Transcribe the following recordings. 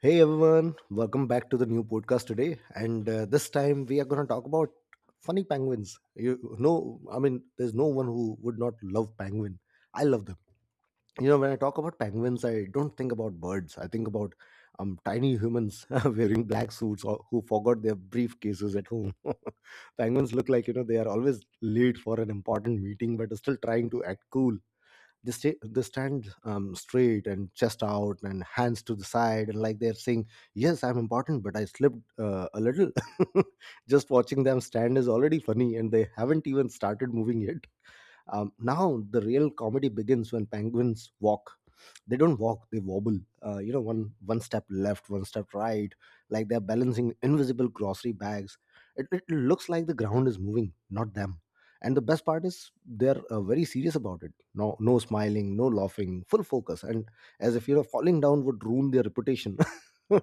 Hey everyone, welcome back to the new podcast today. And this time we are going to talk about funny penguins. You know, I mean, there's no one who would not love penguin. I love them. You know, when I talk about penguins, I don't think about birds. I think about tiny humans wearing black suits or who forgot their briefcases at home. Penguins look like, you know, they are always late for an important meeting, but are still trying to act cool. They stand straight, and chest out, and hands to the side, and like they're saying, "Yes, I'm important, but I slipped a little." Just watching them stand is already funny, and they haven't even started moving yet. Now the real comedy begins when penguins walk. They don't walk, they wobble. You know, one step left, one step right, like they're balancing invisible grocery bags. It looks like the ground is moving, not them. And the best part is they're very serious about it. No smiling, no laughing, full focus, and as if, you know, falling down would ruin their reputation.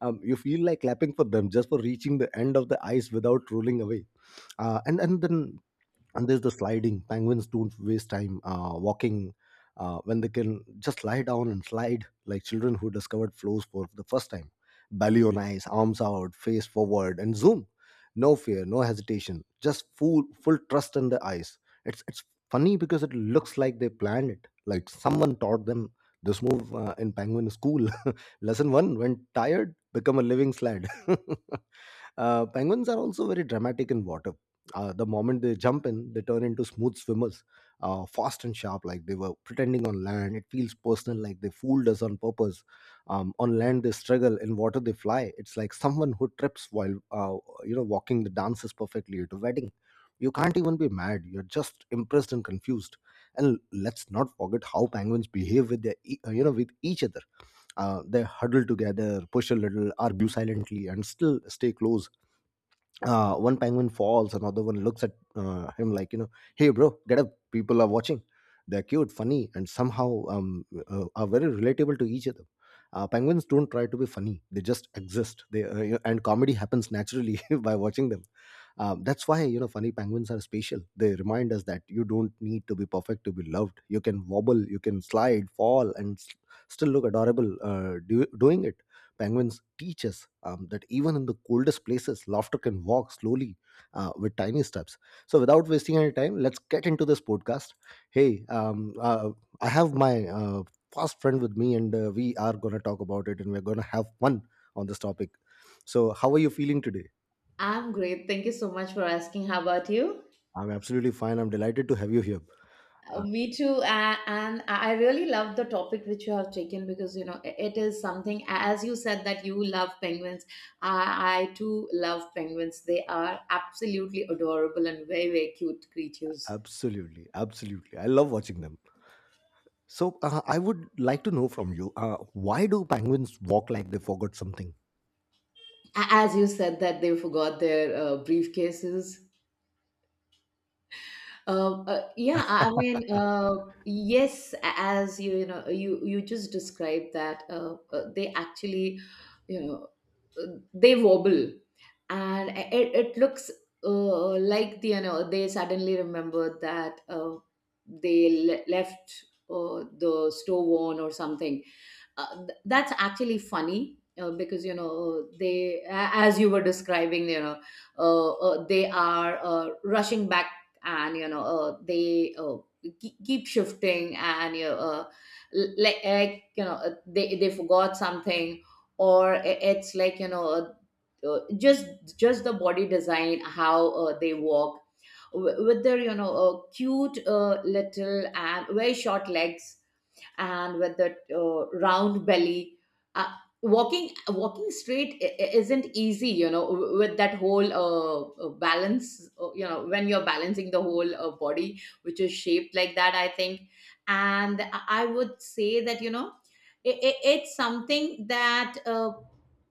You feel like clapping for them just for reaching the end of the ice without rolling away. Uh, and and then and there's the sliding. Penguins don't waste time walking when they can just lie down and slide like children who discovered flows for the first time. Belly on ice, arms out, face forward, and zoom. No fear, no hesitation, just full trust in the ice. It's funny because it looks like they planned it, like someone taught them this move in penguin school. Lesson 1, when tired, become a living sled. Penguins are also very dramatic in water. The moment they jump in, they turn into smooth swimmers, fast and sharp, like they were pretending on land. It feels personal, like they fooled us on purpose. On land, they struggle. In water, they fly. It's like someone who trips while you know walking, the dances perfectly at a wedding. You can't even be mad. You're just impressed and confused. And let's not forget how penguins behave you know, with each other. They huddle together, push a little, argue silently, and still stay close. One penguin falls, another one looks at him like, you know, "Hey, bro, get up, people are watching." They're cute, funny, and somehow are very relatable to each other. Penguins don't try to be funny, they just exist, and comedy happens naturally by watching them. That's why, you know, funny penguins are special. They remind us that you don't need to be perfect to be loved. You can wobble, you can slide, fall, and still look adorable doing it. Penguins teach us that even in the coldest places, laughter can walk slowly with tiny steps. So, without wasting any time, let's get into this podcast. Hey, I have my fast friend with me, and we are going to talk about it, and we're going to have fun on this topic. So, how are you feeling today? I'm great. Thank you so much for asking. How about you? I'm absolutely fine. I'm delighted to have you here. Uh, Me too. And I really love the topic which you have taken because, you know, it is something, as you said, that you love penguins. I too love penguins. They are absolutely adorable and very, very cute creatures. Absolutely, absolutely. I love watching them. So I would like to know from you, why do penguins walk like they forgot something? As you said, that they forgot their briefcases. Yeah, I mean, yes, as you just described that they actually, you know, they wobble, and it looks like the, you know, they suddenly remember that they left the stove on or something. That's actually funny because you know they as you were describing, they are rushing back, and they keep shifting, and like you know they forgot something, or it's like, you know, just the body design, how they walk with their, you know, cute little and very short legs, and with that round belly. Uh, Walking straight isn't easy, you know, with that whole balance. You know, when you're balancing the whole body, which is shaped like that, I think. And I would say that, you know, I it's something that. Uh,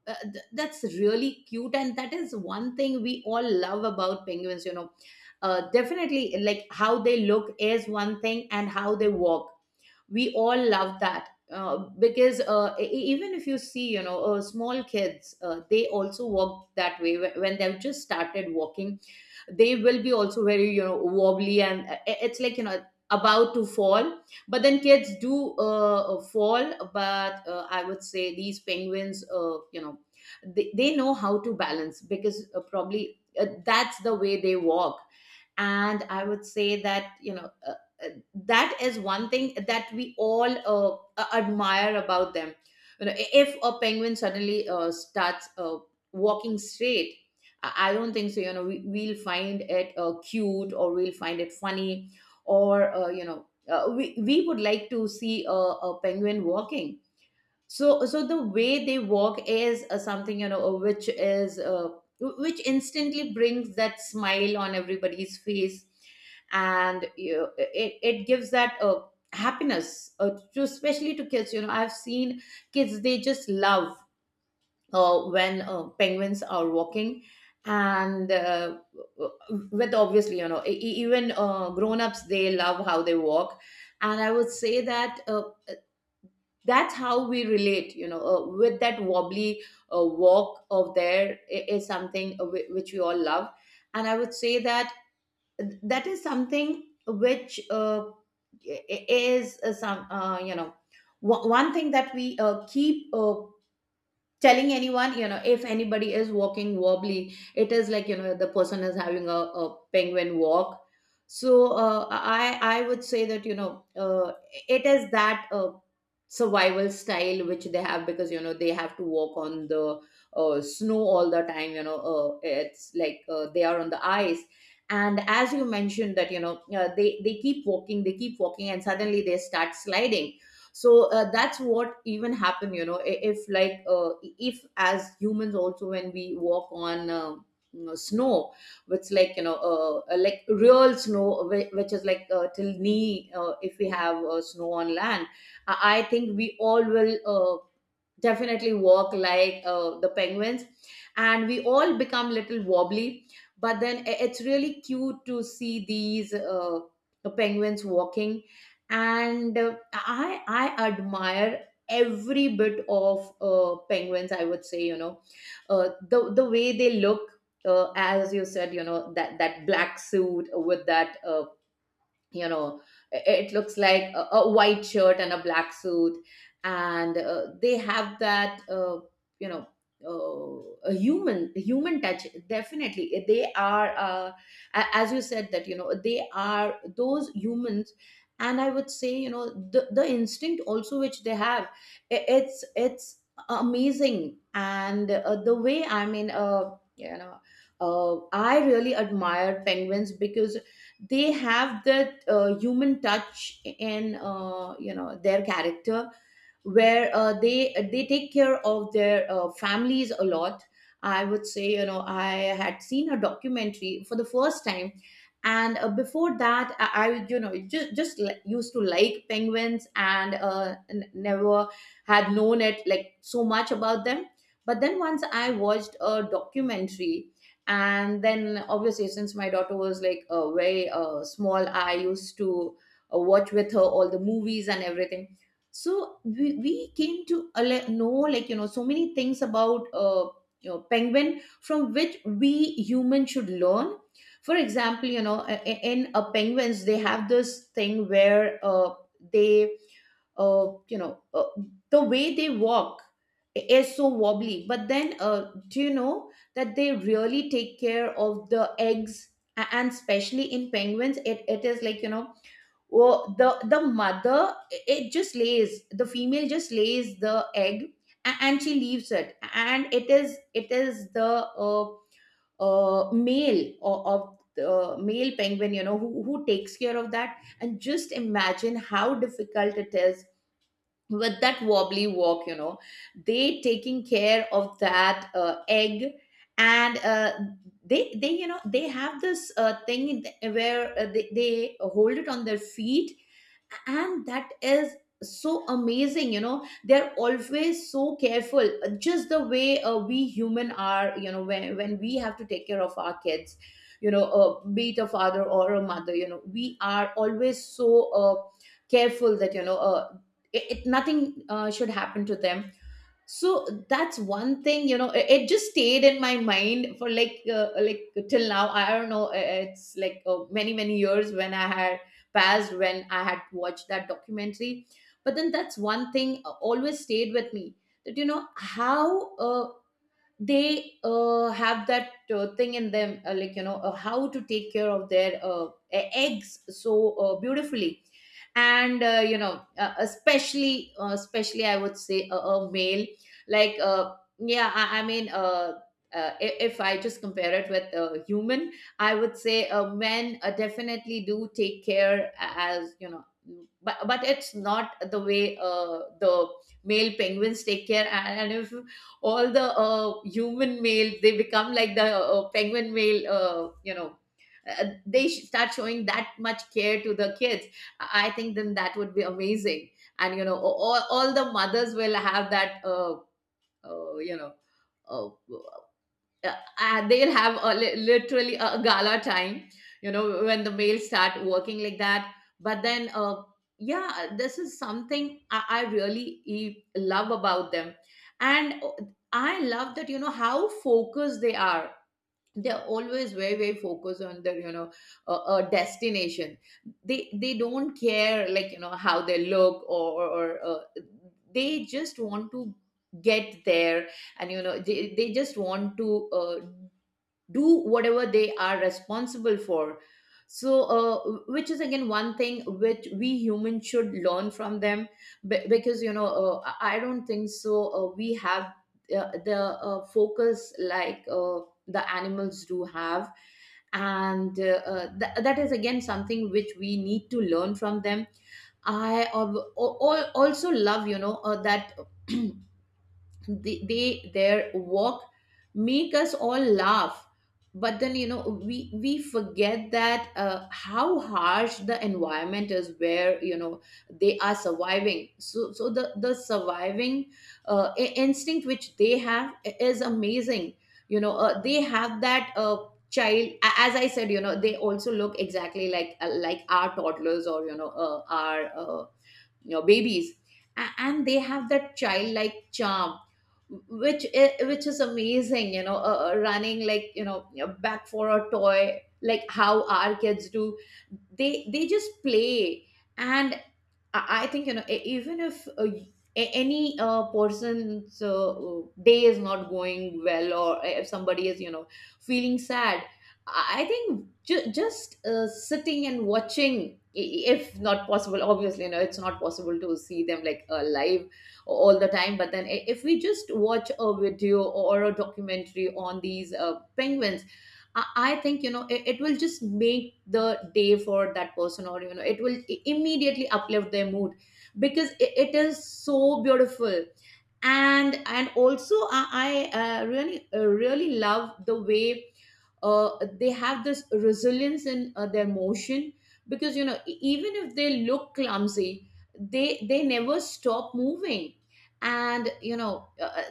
uh, th- That's really cute, and that is one thing we all love about penguins, you know. Definitely, like, how they look is one thing, and how they walk, we all love that because, even if you see, you know, small kids, they also walk that way Wh- when they've just started walking. They will be also very, you know, wobbly, and it's like, you know, about to fall, but then kids do fall. But I would say these penguins, you know, they know how to balance because, probably, that's the way they walk. And I would say that, you know, uh, that is one thing that we all admire about them. You know, if a penguin suddenly starts walking straight, I don't think so, you know, we'll find it cute, or we'll find it funny, or, we would like to see a penguin walking. So the way they walk is something, you know, which is, which instantly brings that smile on everybody's face. And, you know, it gives that happiness to, especially to kids. You know, I've seen kids, they just love when penguins are walking. And with obviously, you know, even grown-ups, they love how they walk. And I would say that that's how we relate, you know, with that wobbly walk of there is something, which we all love. And I would say that that is something which, is some you know, one thing that we keep telling anyone, you know, if anybody is walking wobbly, it is like, you know, the person is having a penguin walk. So I would say that, you know, it is that survival style which they have because, you know, they have to walk on the snow all the time. You know, it's like they are on the ice. And as you mentioned that, you know, they keep walking, and suddenly they start sliding. So that's what even happened, you know, if as humans also, when we walk on you know, snow, which, like, you know, like real snow, which is like till knee, if we have snow on land, I think we all will definitely walk like the penguins, and we all become little wobbly. But then it's really cute to see these penguins walking. And I admire every bit of penguins, I would say. You know, the way they look, as you said, you know, that that black suit with that, you know it looks like a white shirt and a black suit and they have that you know a human touch. Definitely, they are, as you said, that, you know, they are those humans. And I would say, you know, the instinct also which they have, it's amazing. And the way, I mean, I really admire penguins because they have that human touch in, you know, their character, where they take care of their families a lot. I would say, you know, I had seen a documentary for the first time, and before that, I, you know, used to like penguins, and n- never had known it, like, so much about them. But then once I watched a documentary, and then obviously, since my daughter was, like, very small, I used to watch with her all the movies and everything. So we came to know, like, you know, so many things about, you know, penguin, from which we humans should learn. For example, you know, in penguins, they have this thing where they you know, the way they walk is so wobbly, but then do you know that they really take care of the eggs? And especially in penguins, it is like, you know, well, the mother, it just lays, the female just lays the egg, and she leaves it, and it is the, male of the, male penguin, you know, who takes care of that. And just imagine how difficult it is with that wobbly walk, you know, they taking care of that egg. And they you know, they have this thing where, they hold it on their feet. And that is so amazing. You know, they're always so careful, just the way we human are, you know, when we have to take care of our kids. You know, be it a father or a mother, you know, we are always so careful that, you know, it nothing should happen to them. So that's one thing, you know, it just stayed in my mind for, like, till now. I don't know, it's like, many, many years when I had passed, when I had watched that documentary. But then that's one thing always stayed with me, that, you know, how they have that thing in them, like, you know, how to take care of their, eggs so beautifully. And, especially, I would say, a male, like, yeah, I mean, if I just compare it with a human, I would say, men definitely do take care, as you know, but it's not the way the male penguins take care. And if all the human male they become like the penguin male, start showing that much care to the kids, I think then that would be amazing. And you know all the mothers will have that, uh, you know uh, they'll have literally a gala time, you know, when the males start working like that. But then, yeah, this is something I really love about them. And I love that, you know, how focused they are. They're always very, very focused on their, you know, destination. They don't care, like, you know, how they look, or they just want to get there. And you know, they just want to do whatever they are responsible for. So, which is again one thing which we humans should learn from them. Be- because you know, I don't think so, we have the focus like the animals do have. And that is again something which we need to learn from them. I also love, you know, that they their work make us all laugh. But then, you know, we forget that, how harsh the environment is, where you know they are surviving, so the surviving instinct which they have is amazing. You know, they have that, as I said, you know, they also look exactly like, like our toddlers, or you know, our your babies. And they have that childlike charm, which is amazing, you know, running, like, you know, back for a toy, like how our kids do. They just play. And I think, you know, even if, any person's day is not going well, or if somebody is, you know, feeling sad, I think just sitting and watching, if not possible, obviously, you know, it's not possible to see them, like, live all the time, but then if we just watch a video or a documentary on these penguins, I think, you know, it will just make the day for that person, or you know, it will immediately uplift their mood, because it is so beautiful. And also, I really, really love the way uh, they have this resilience in their motion, because you know, even if they look clumsy, they never stop moving. And you know,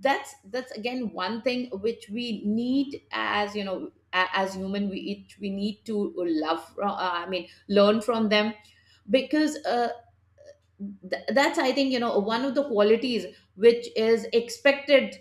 that's again one thing which we need, as you know, as human, we need to love from, I mean, learn from them. Because that's, I think, you know, one of the qualities which is expected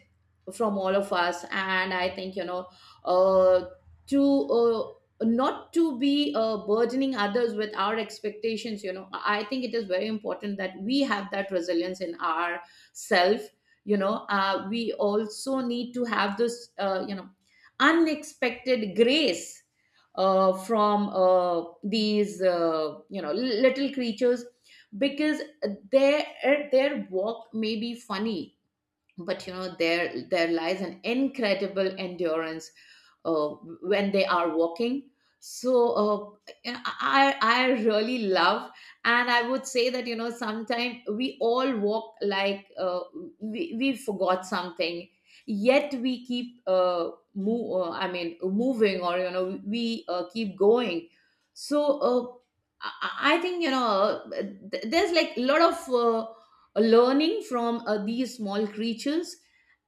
from all of us. And I think, you know, uh, to, uh, not to be burdening others with our expectations, you know, I think it is very important that we have that resilience in our self. You know, we also need to have this, you know, unexpected grace, from, these, you know, little creatures, because their their walk may be funny, but you know, there lies an incredible endurance uh, when they are walking. So, you know, I really love. And I would say that, you know, sometimes we all walk like, we forgot something, yet we keep, move I mean moving, or you know, we keep going. So, I think, you know, there's like a lot of learning from these small creatures.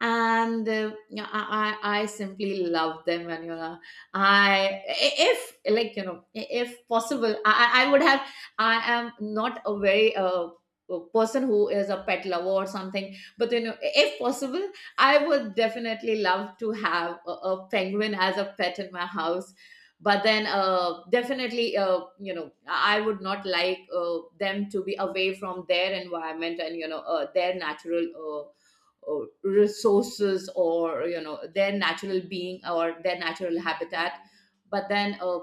And yeah, I simply love them. And you know, I if like you know, if possible, I would have, I am not a very, a person who is a pet lover or something, but you know, if possible, I would definitely love to have a penguin as a pet in my house. But then, definitely, you know, I would not like them to be away from their environment, and you know, their natural, resources, or you know, their natural being, or their natural habitat. But then,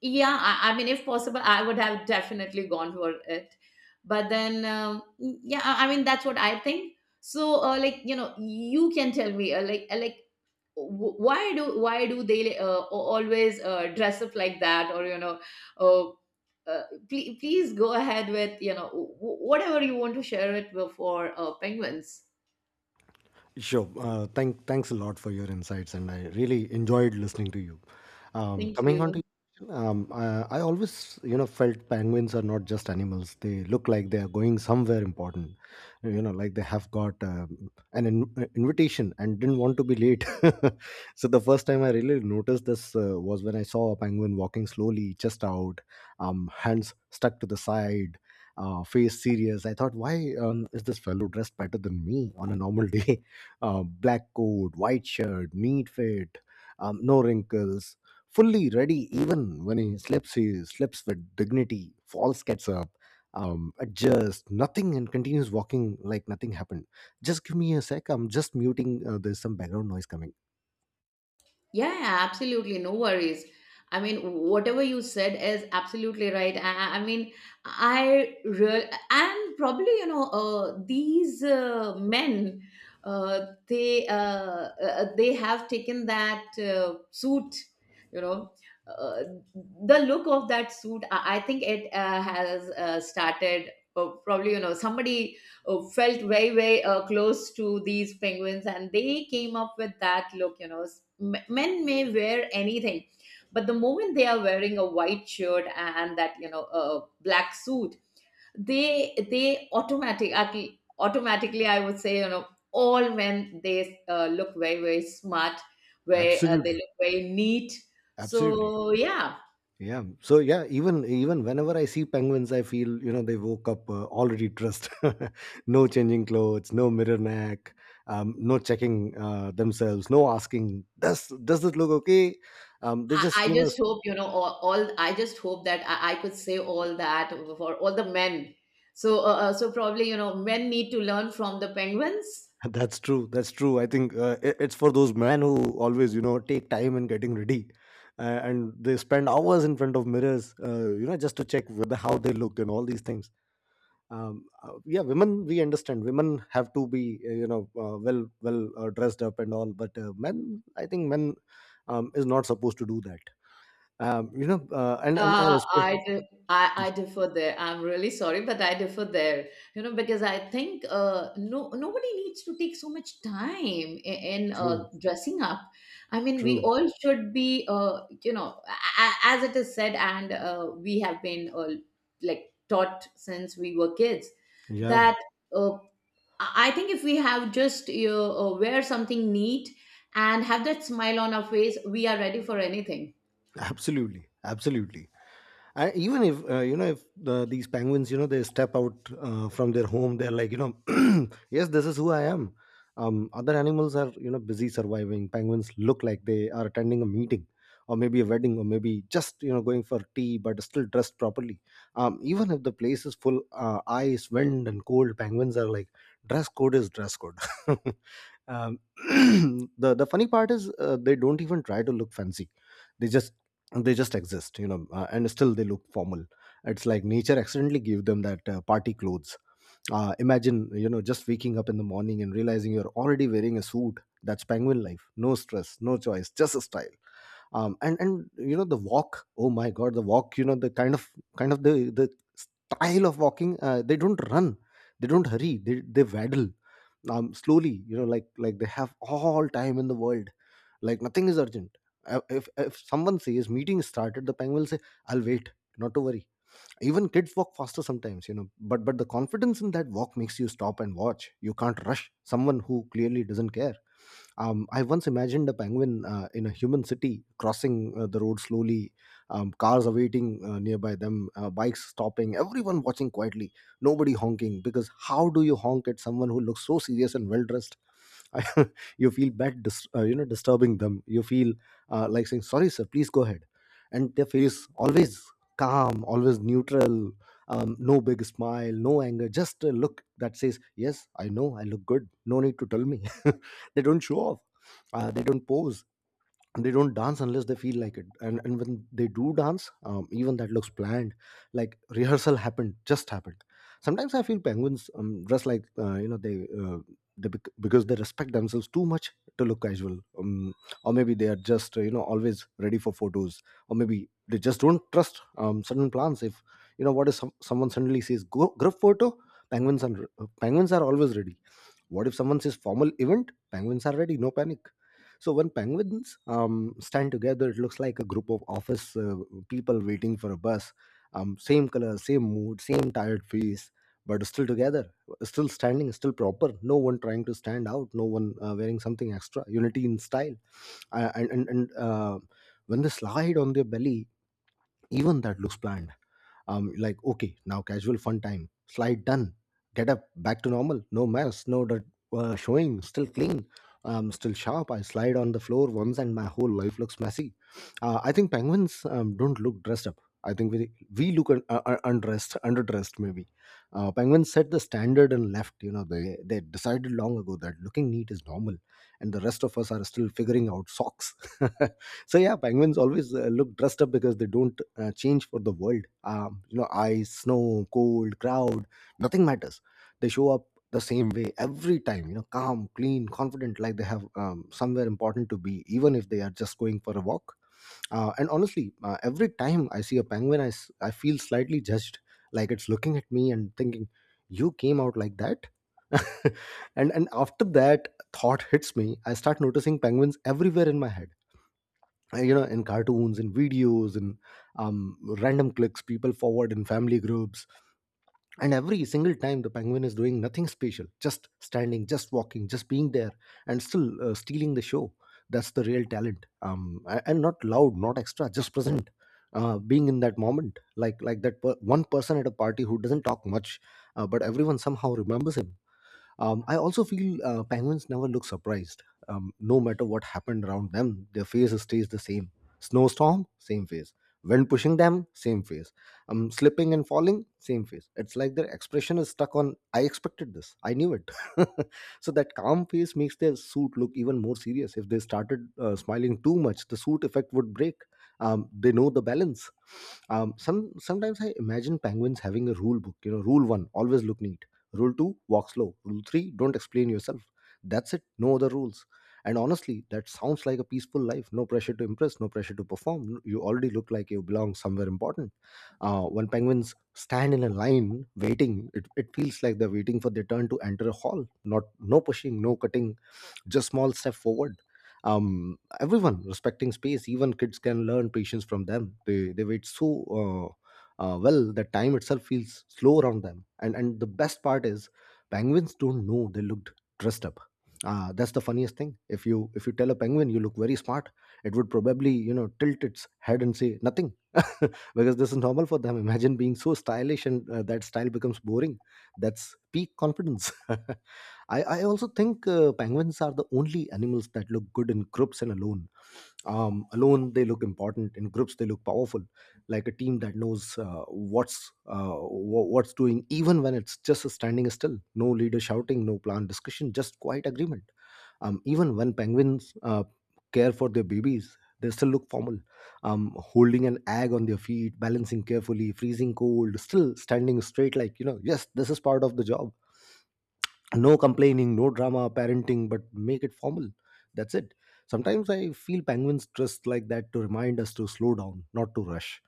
yeah, I mean, if possible I would have definitely gone for it. But then, yeah, I mean, that's what I think. So, like you know, you can tell me, why do, why do they, always, dress up like that, or you know, uh, uh, please, please go ahead with, you know, whatever you want to share it with for penguins. Sure. Thanks a lot for your insights, and I really enjoyed listening to you. Thank Coming on to you. I always, you know, felt penguins are not just animals. They look like they are going somewhere important. You know, like they have got an invitation and didn't want to be late. So the first time I really noticed this was when I saw a penguin walking slowly, chest out, hands stuck to the side. Face serious. I thought, why is this fellow dressed better than me on a normal day? Black coat, white shirt, neat fit, no wrinkles, fully ready. Even when he slips with dignity. Falls, gets up, adjusts, nothing, and continues walking like nothing happened. Just give me a sec. I'm just muting. There's some background noise coming. Yeah, absolutely. No worries. I mean, whatever you said is absolutely right. I mean, I real and probably you know, these men, uh, they uh, they have taken that suit, you know, uh, the look of that suit. I think it has started. Probably you know, somebody felt very, very close to these penguins, and they came up with that look. You know, men may wear anything, but the moment they are wearing a white shirt and that, you know, black suit, they automatically, I would say, you know, all men, they look very, very smart, very, they Absolutely, look very neat. absolutely. So yeah, Yeah. So yeah, even whenever I see penguins, I feel, you know, they woke up already dressed. No changing clothes, no mirror neck, no checking themselves, no asking, does this look okay? They just, I you know just s- hope, you know, all I just hope that I could say all that for all the men. So, probably, you know, men need to learn from the penguins. That's true. That's true. I think it's for those men who always, you know, take time in getting ready, and they spend hours in front of mirrors, you know, just to check whether how they look and all these things. Yeah, women, we understand, women have to be you know, well dressed up and all, but men, I think, men is not supposed to do that. um, you know uh, and and uh, Uh, espe- I, do, I differ there. I'm really sorry, but I differ there. You know, because I think, no nobody needs to take so much time in True. dressing up. I mean, we True. all should be, you know, as it is said, and we have been, like, taught since we were kids Yeah. that, uh, I think if we have just, you know, wear something neat, and have that smile on our face, we are ready for anything. Absolutely, absolutely. Even if you know, if these penguins, you know, they step out from their home, they're like, you know, "Yes, this is who I am." Other animals are, you know, busy surviving. Penguins look like they are attending a meeting, or maybe a wedding, or maybe just, you know, going for tea, but still dressed properly. Even if the place is full ice, wind, and cold, penguins are like, dress code is dress code. um, the funny part is, they don't even try to look fancy. They just they just exist, you know, and still they look formal. It's like nature accidentally gave them that party clothes. Imagine, you know, just waking up in the morning and realizing you're already wearing a suit. That's penguin life. No stress, no choice, just a style. And you know, the walk, oh my god, the walk, you know, the kind of the style of walking. They don't run, they don't hurry, they waddle slowly, you know, like they have all time in the world, like nothing is urgent. If someone says meeting started, the penguin will say, I'll wait, not to worry. Even kids walk faster sometimes, you know, but the confidence in that walk makes you stop and watch. You can't rush someone who clearly doesn't care. I once imagined a penguin in a human city crossing the road slowly, cars awaiting nearby them, bikes stopping, everyone watching quietly, nobody honking. Because how do you honk at someone who looks so serious and well dressed? I, you feel bad, you know, disturbing them. You feel like saying, "Sorry, sir, please go ahead." And their face always calm, always neutral, no big smile, no anger, just a look that says, "Yes, I know, I look good. No need to tell me." They don't show off, they don't pose, and they don't dance unless they feel like it. And, when they do dance, even that looks planned, like rehearsal happened, just happened. Sometimes I feel penguins, dress like, you know, because they respect themselves too much to look casual. Or maybe they are just, you know, always ready for photos. Or maybe they just don't trust certain plans. If, you know, what if someone suddenly says, "Group photo," penguins are, always ready. What if someone says, formal event? Penguins are ready, no panic. So when penguins stand together, it looks like a group of office people waiting for a bus. Same color, same mood, same tired face, but still together, still standing, still proper. No one trying to stand out, no one wearing something extra. Unity in style. And when they slide on their belly, even that looks planned, like okay, now casual fun time, slide done, get up, back to normal, no mess, no dirt, showing still clean, still sharp. I slide on the floor once and my whole life looks messy. I think penguins don't look dressed up. I think we look un- undressed underdressed maybe. Penguins set the standard and left. You know, they decided long ago that looking neat is normal, and the rest of us are still figuring out socks. So yeah, penguins always look dressed up because they don't change for the world. You know, ice, snow, cold, crowd, nothing matters. They show up the same way every time. You know, calm, clean, confident, like they have somewhere important to be, even if they are just going for a walk. And honestly, every time I see a penguin, I feel slightly judged, like it's looking at me and thinking, "You came out like that." And after that thought hits me, I start noticing penguins everywhere in my head, you know, in cartoons, in videos, in random clicks people forward in family groups. And every single time the penguin is doing nothing special, just standing, just walking, just being there, and still stealing the show. That's the real talent, and not loud, not extra, just present, being in that moment, like one person at a party who doesn't talk much, but everyone somehow remembers him. I also feel penguins never look surprised. No matter what happened around them, their face stays the same. Snowstorm, same face. Wind pushing them, same face. Slipping and falling, same face. It's like their expression is stuck on, I expected this, I knew it. So that calm face makes their suit look even more serious. If they started smiling too much, the suit effect would break. They know the balance. Sometimes I imagine penguins having a rule book. You know, rule one: always look neat. Rule two, walk slow. Rule three, don't explain yourself. That's it, no other rules. And honestly, that sounds like a peaceful life. No pressure to impress, no pressure to perform. You already look like you belong somewhere important. When penguins stand in a line waiting, it feels like they're waiting for their turn to enter a hall. Not no pushing, no cutting, just small step forward. Everyone respecting space, even kids can learn patience from them. They wait so uh, well, that time itself feels slow around them. And the best part is, penguins don't know they looked dressed up. That's the funniest thing. If you tell a penguin you look very smart, it would probably, you know, tilt its head and say nothing. Because this is normal for them. Imagine being so stylish and that style becomes boring. That's peak confidence. I also think penguins are the only animals that look good in groups and alone. Alone, they look important. In groups, they look powerful, like a team that knows what's doing, even when it's just standing still. No leader shouting, no planned discussion, just quiet agreement. Even when penguins care for their babies, they still look formal, holding an egg on their feet, balancing carefully, freezing cold, still standing straight, like, you know, yes, this is part of the job. No complaining, no drama, parenting but make it formal. That's it. Sometimes I feel penguins dressed like that to remind us to slow down, not to rush,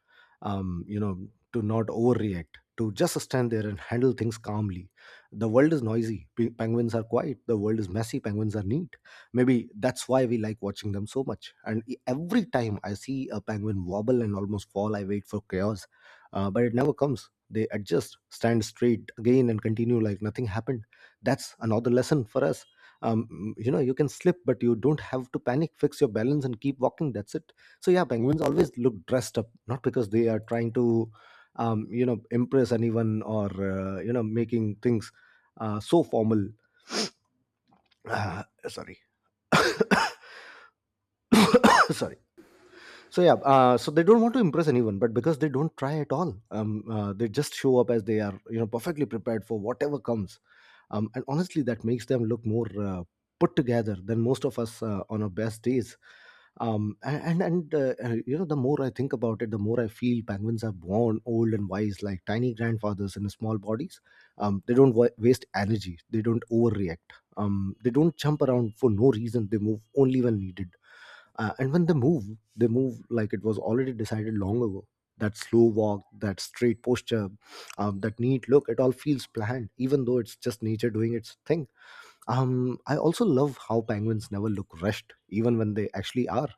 um, you know to not overreact, to just stand there and handle things calmly. The world is noisy, penguins are quiet. The world is messy, penguins are neat. Maybe that's why we like watching them so much. And every time I see a penguin wobble and almost fall, I wait for chaos, but it never comes. They adjust, stand straight again, and continue like nothing happened. That's another lesson for us. You know, you can slip but you don't have to panic, fix your balance and keep walking. That's it. So yeah, penguins always look dressed up, not because they are trying to, you know, impress anyone, or, you know, making things, so formal. uh, Sorry. Sorry. So yeah, so they don't want to impress anyone, but because they don't try at all. They just show up as they are, you know, perfectly prepared for whatever comes. And honestly, that makes them look more put together than most of us on our best days. And You know, the more I think about it, the more I feel penguins are born old and wise, like tiny grandfathers in small bodies. They don't waste energy. They don't overreact. They don't jump around for no reason. They move only when needed, and when they move, they move like it was already decided long ago. That slow walk, that straight posture, that neat look, it all feels planned even though it's just nature doing its thing. I also love how penguins never look rushed, even when they actually are.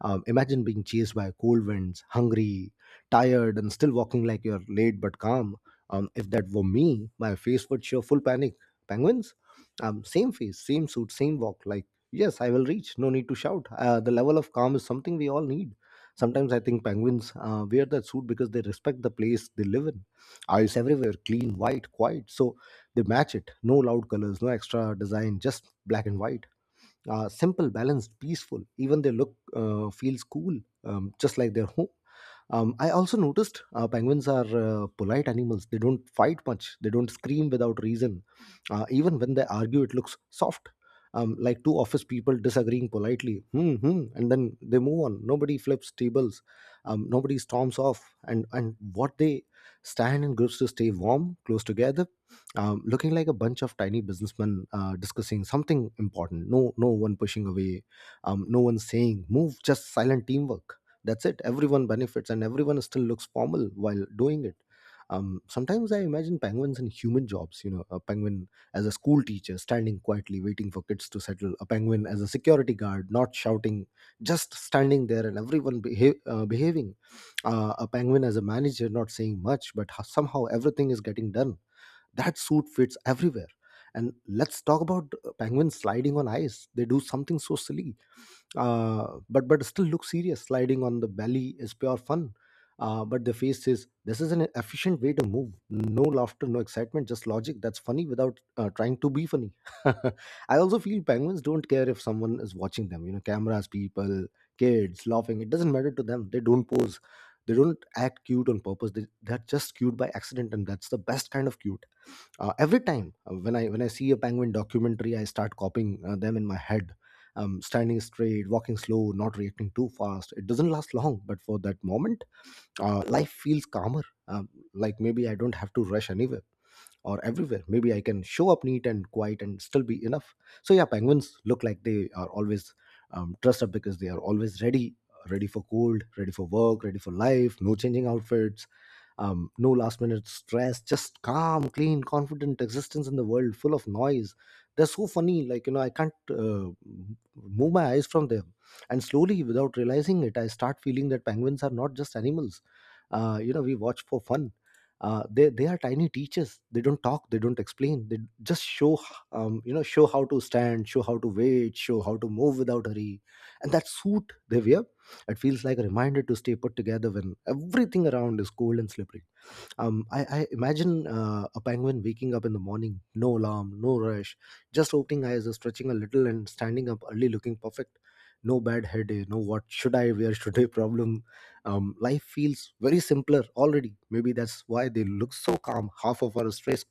Imagine being chased by cold winds, hungry, tired, and still walking like you're late but calm. If that were me, my face would show full panic. Penguins, same face, same suit, same walk. Like, yes, I will reach. No need to shout. The level of calm is something we all need. Sometimes I think penguins wear that suit because they respect the place they live in. Eyes everywhere, clean, white, quiet. So they match it. No loud colors, no extra design, just black and white. Simple, balanced, peaceful. Even they look feels cool, just like their home. I also noticed penguins are polite animals. They don't fight much. They don't scream without reason. Even when they argue, it looks soft, like two office people disagreeing politely. Hmm, hmm, and then they move on. Nobody flips tables. Nobody storms off. And what they stand in groups to stay warm, close together, looking like a bunch of tiny businessmen discussing something important. No, No one pushing away. No one saying move. Just silent teamwork. That's it, everyone benefits and everyone still looks formal while doing it. Sometimes I imagine penguins in human jobs. You know, a penguin as a school teacher standing quietly waiting for kids to settle, a penguin as a security guard not shouting, just standing there and everyone behaving, a penguin as a manager not saying much but somehow everything is getting done. That suit fits everywhere. And let's talk about penguins sliding on ice. They do something so silly, but still look serious. Sliding on the belly is pure fun, but the face says this is an efficient way to move. No laughter, no excitement, just logic. That's funny without trying to be funny. I also feel penguins don't care if someone is watching them. You know, cameras, people, kids laughing, it doesn't matter to them. They don't pose, they don't act cute on purpose. They're just cute by accident, and that's the best kind of cute. Every time when I see a penguin documentary, I start copying them in my head. Standing straight, walking slow, not reacting too fast. It doesn't last long, but for that moment, life feels calmer, like maybe I don't have to rush anywhere or everywhere. Maybe I can show up neat and quiet and still be enough. So yeah, penguins look like they are always, dressed up because they are always ready. Ready for cold, ready for work, ready for life, no changing outfits, no last minute stress, just calm, clean, confident existence in the world full of noise. They're so funny, like, you know, I can't, move my eyes from them. And slowly, without realizing it, I start feeling that penguins are not just animals you know we watch for fun. They are tiny teachers. They don't talk, they don't explain, they just show, you know, show how to stand, show how to wait, show how to move without hurry. And that suit they wear, it feels like a reminder to stay put together when everything around is cold and slippery. I imagine a penguin waking up in the morning, no alarm, no rush, just opening eyes, stretching a little, and standing up early looking perfect. No bad headache, no what should I wear today problem. Life feels very simpler already. Maybe that's why they look so calm. Half of our stress,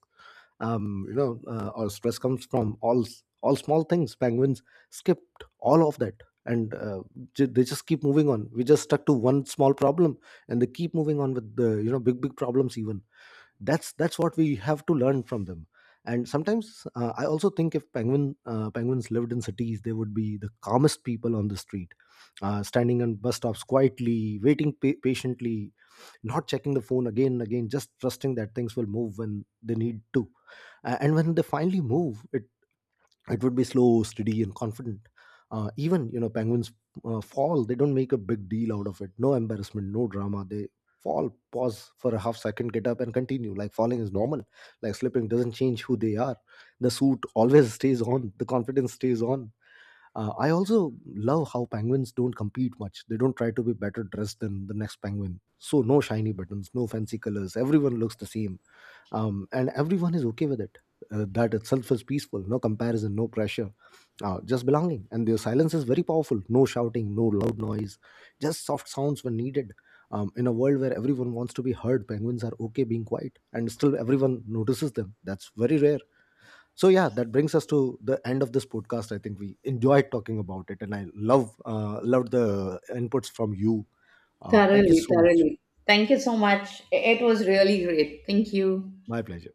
our stress comes from all small things. Penguins skipped all of that, and they just keep moving on. We just stuck to one small problem, and they keep moving on with the, you know, big big problems even. That's what we have to learn from them. And sometimes, I also think if penguins lived in cities, they would be the calmest people on the street, standing on bus stops quietly, waiting patiently, not checking the phone again and again, just trusting that things will move when they need to. And when they finally move, it would be slow, steady, and confident. Even, you know, penguins fall, they don't make a big deal out of it. No embarrassment, no drama. They fall, pause for a half second, get up and continue like falling is normal, like slipping doesn't change who they are. The suit always stays on, the confidence stays on. I also love how penguins don't compete much. They don't try to be better dressed than the next penguin. So no shiny buttons, no fancy colors, everyone looks the same, and everyone is okay with it. That itself is peaceful, no comparison, no pressure, just belonging. And their silence is very powerful, no shouting, no loud noise, just soft sounds when needed. In a world where everyone wants to be heard, penguins are okay being quiet, and still everyone notices them. That's very rare. So yeah, that brings us to the end of this podcast. I think we enjoyed talking about it and I love, loved the inputs from you. Thank you Thoroughly, so much. thoroughly. Thank you so much. It was really great. Thank you. My pleasure.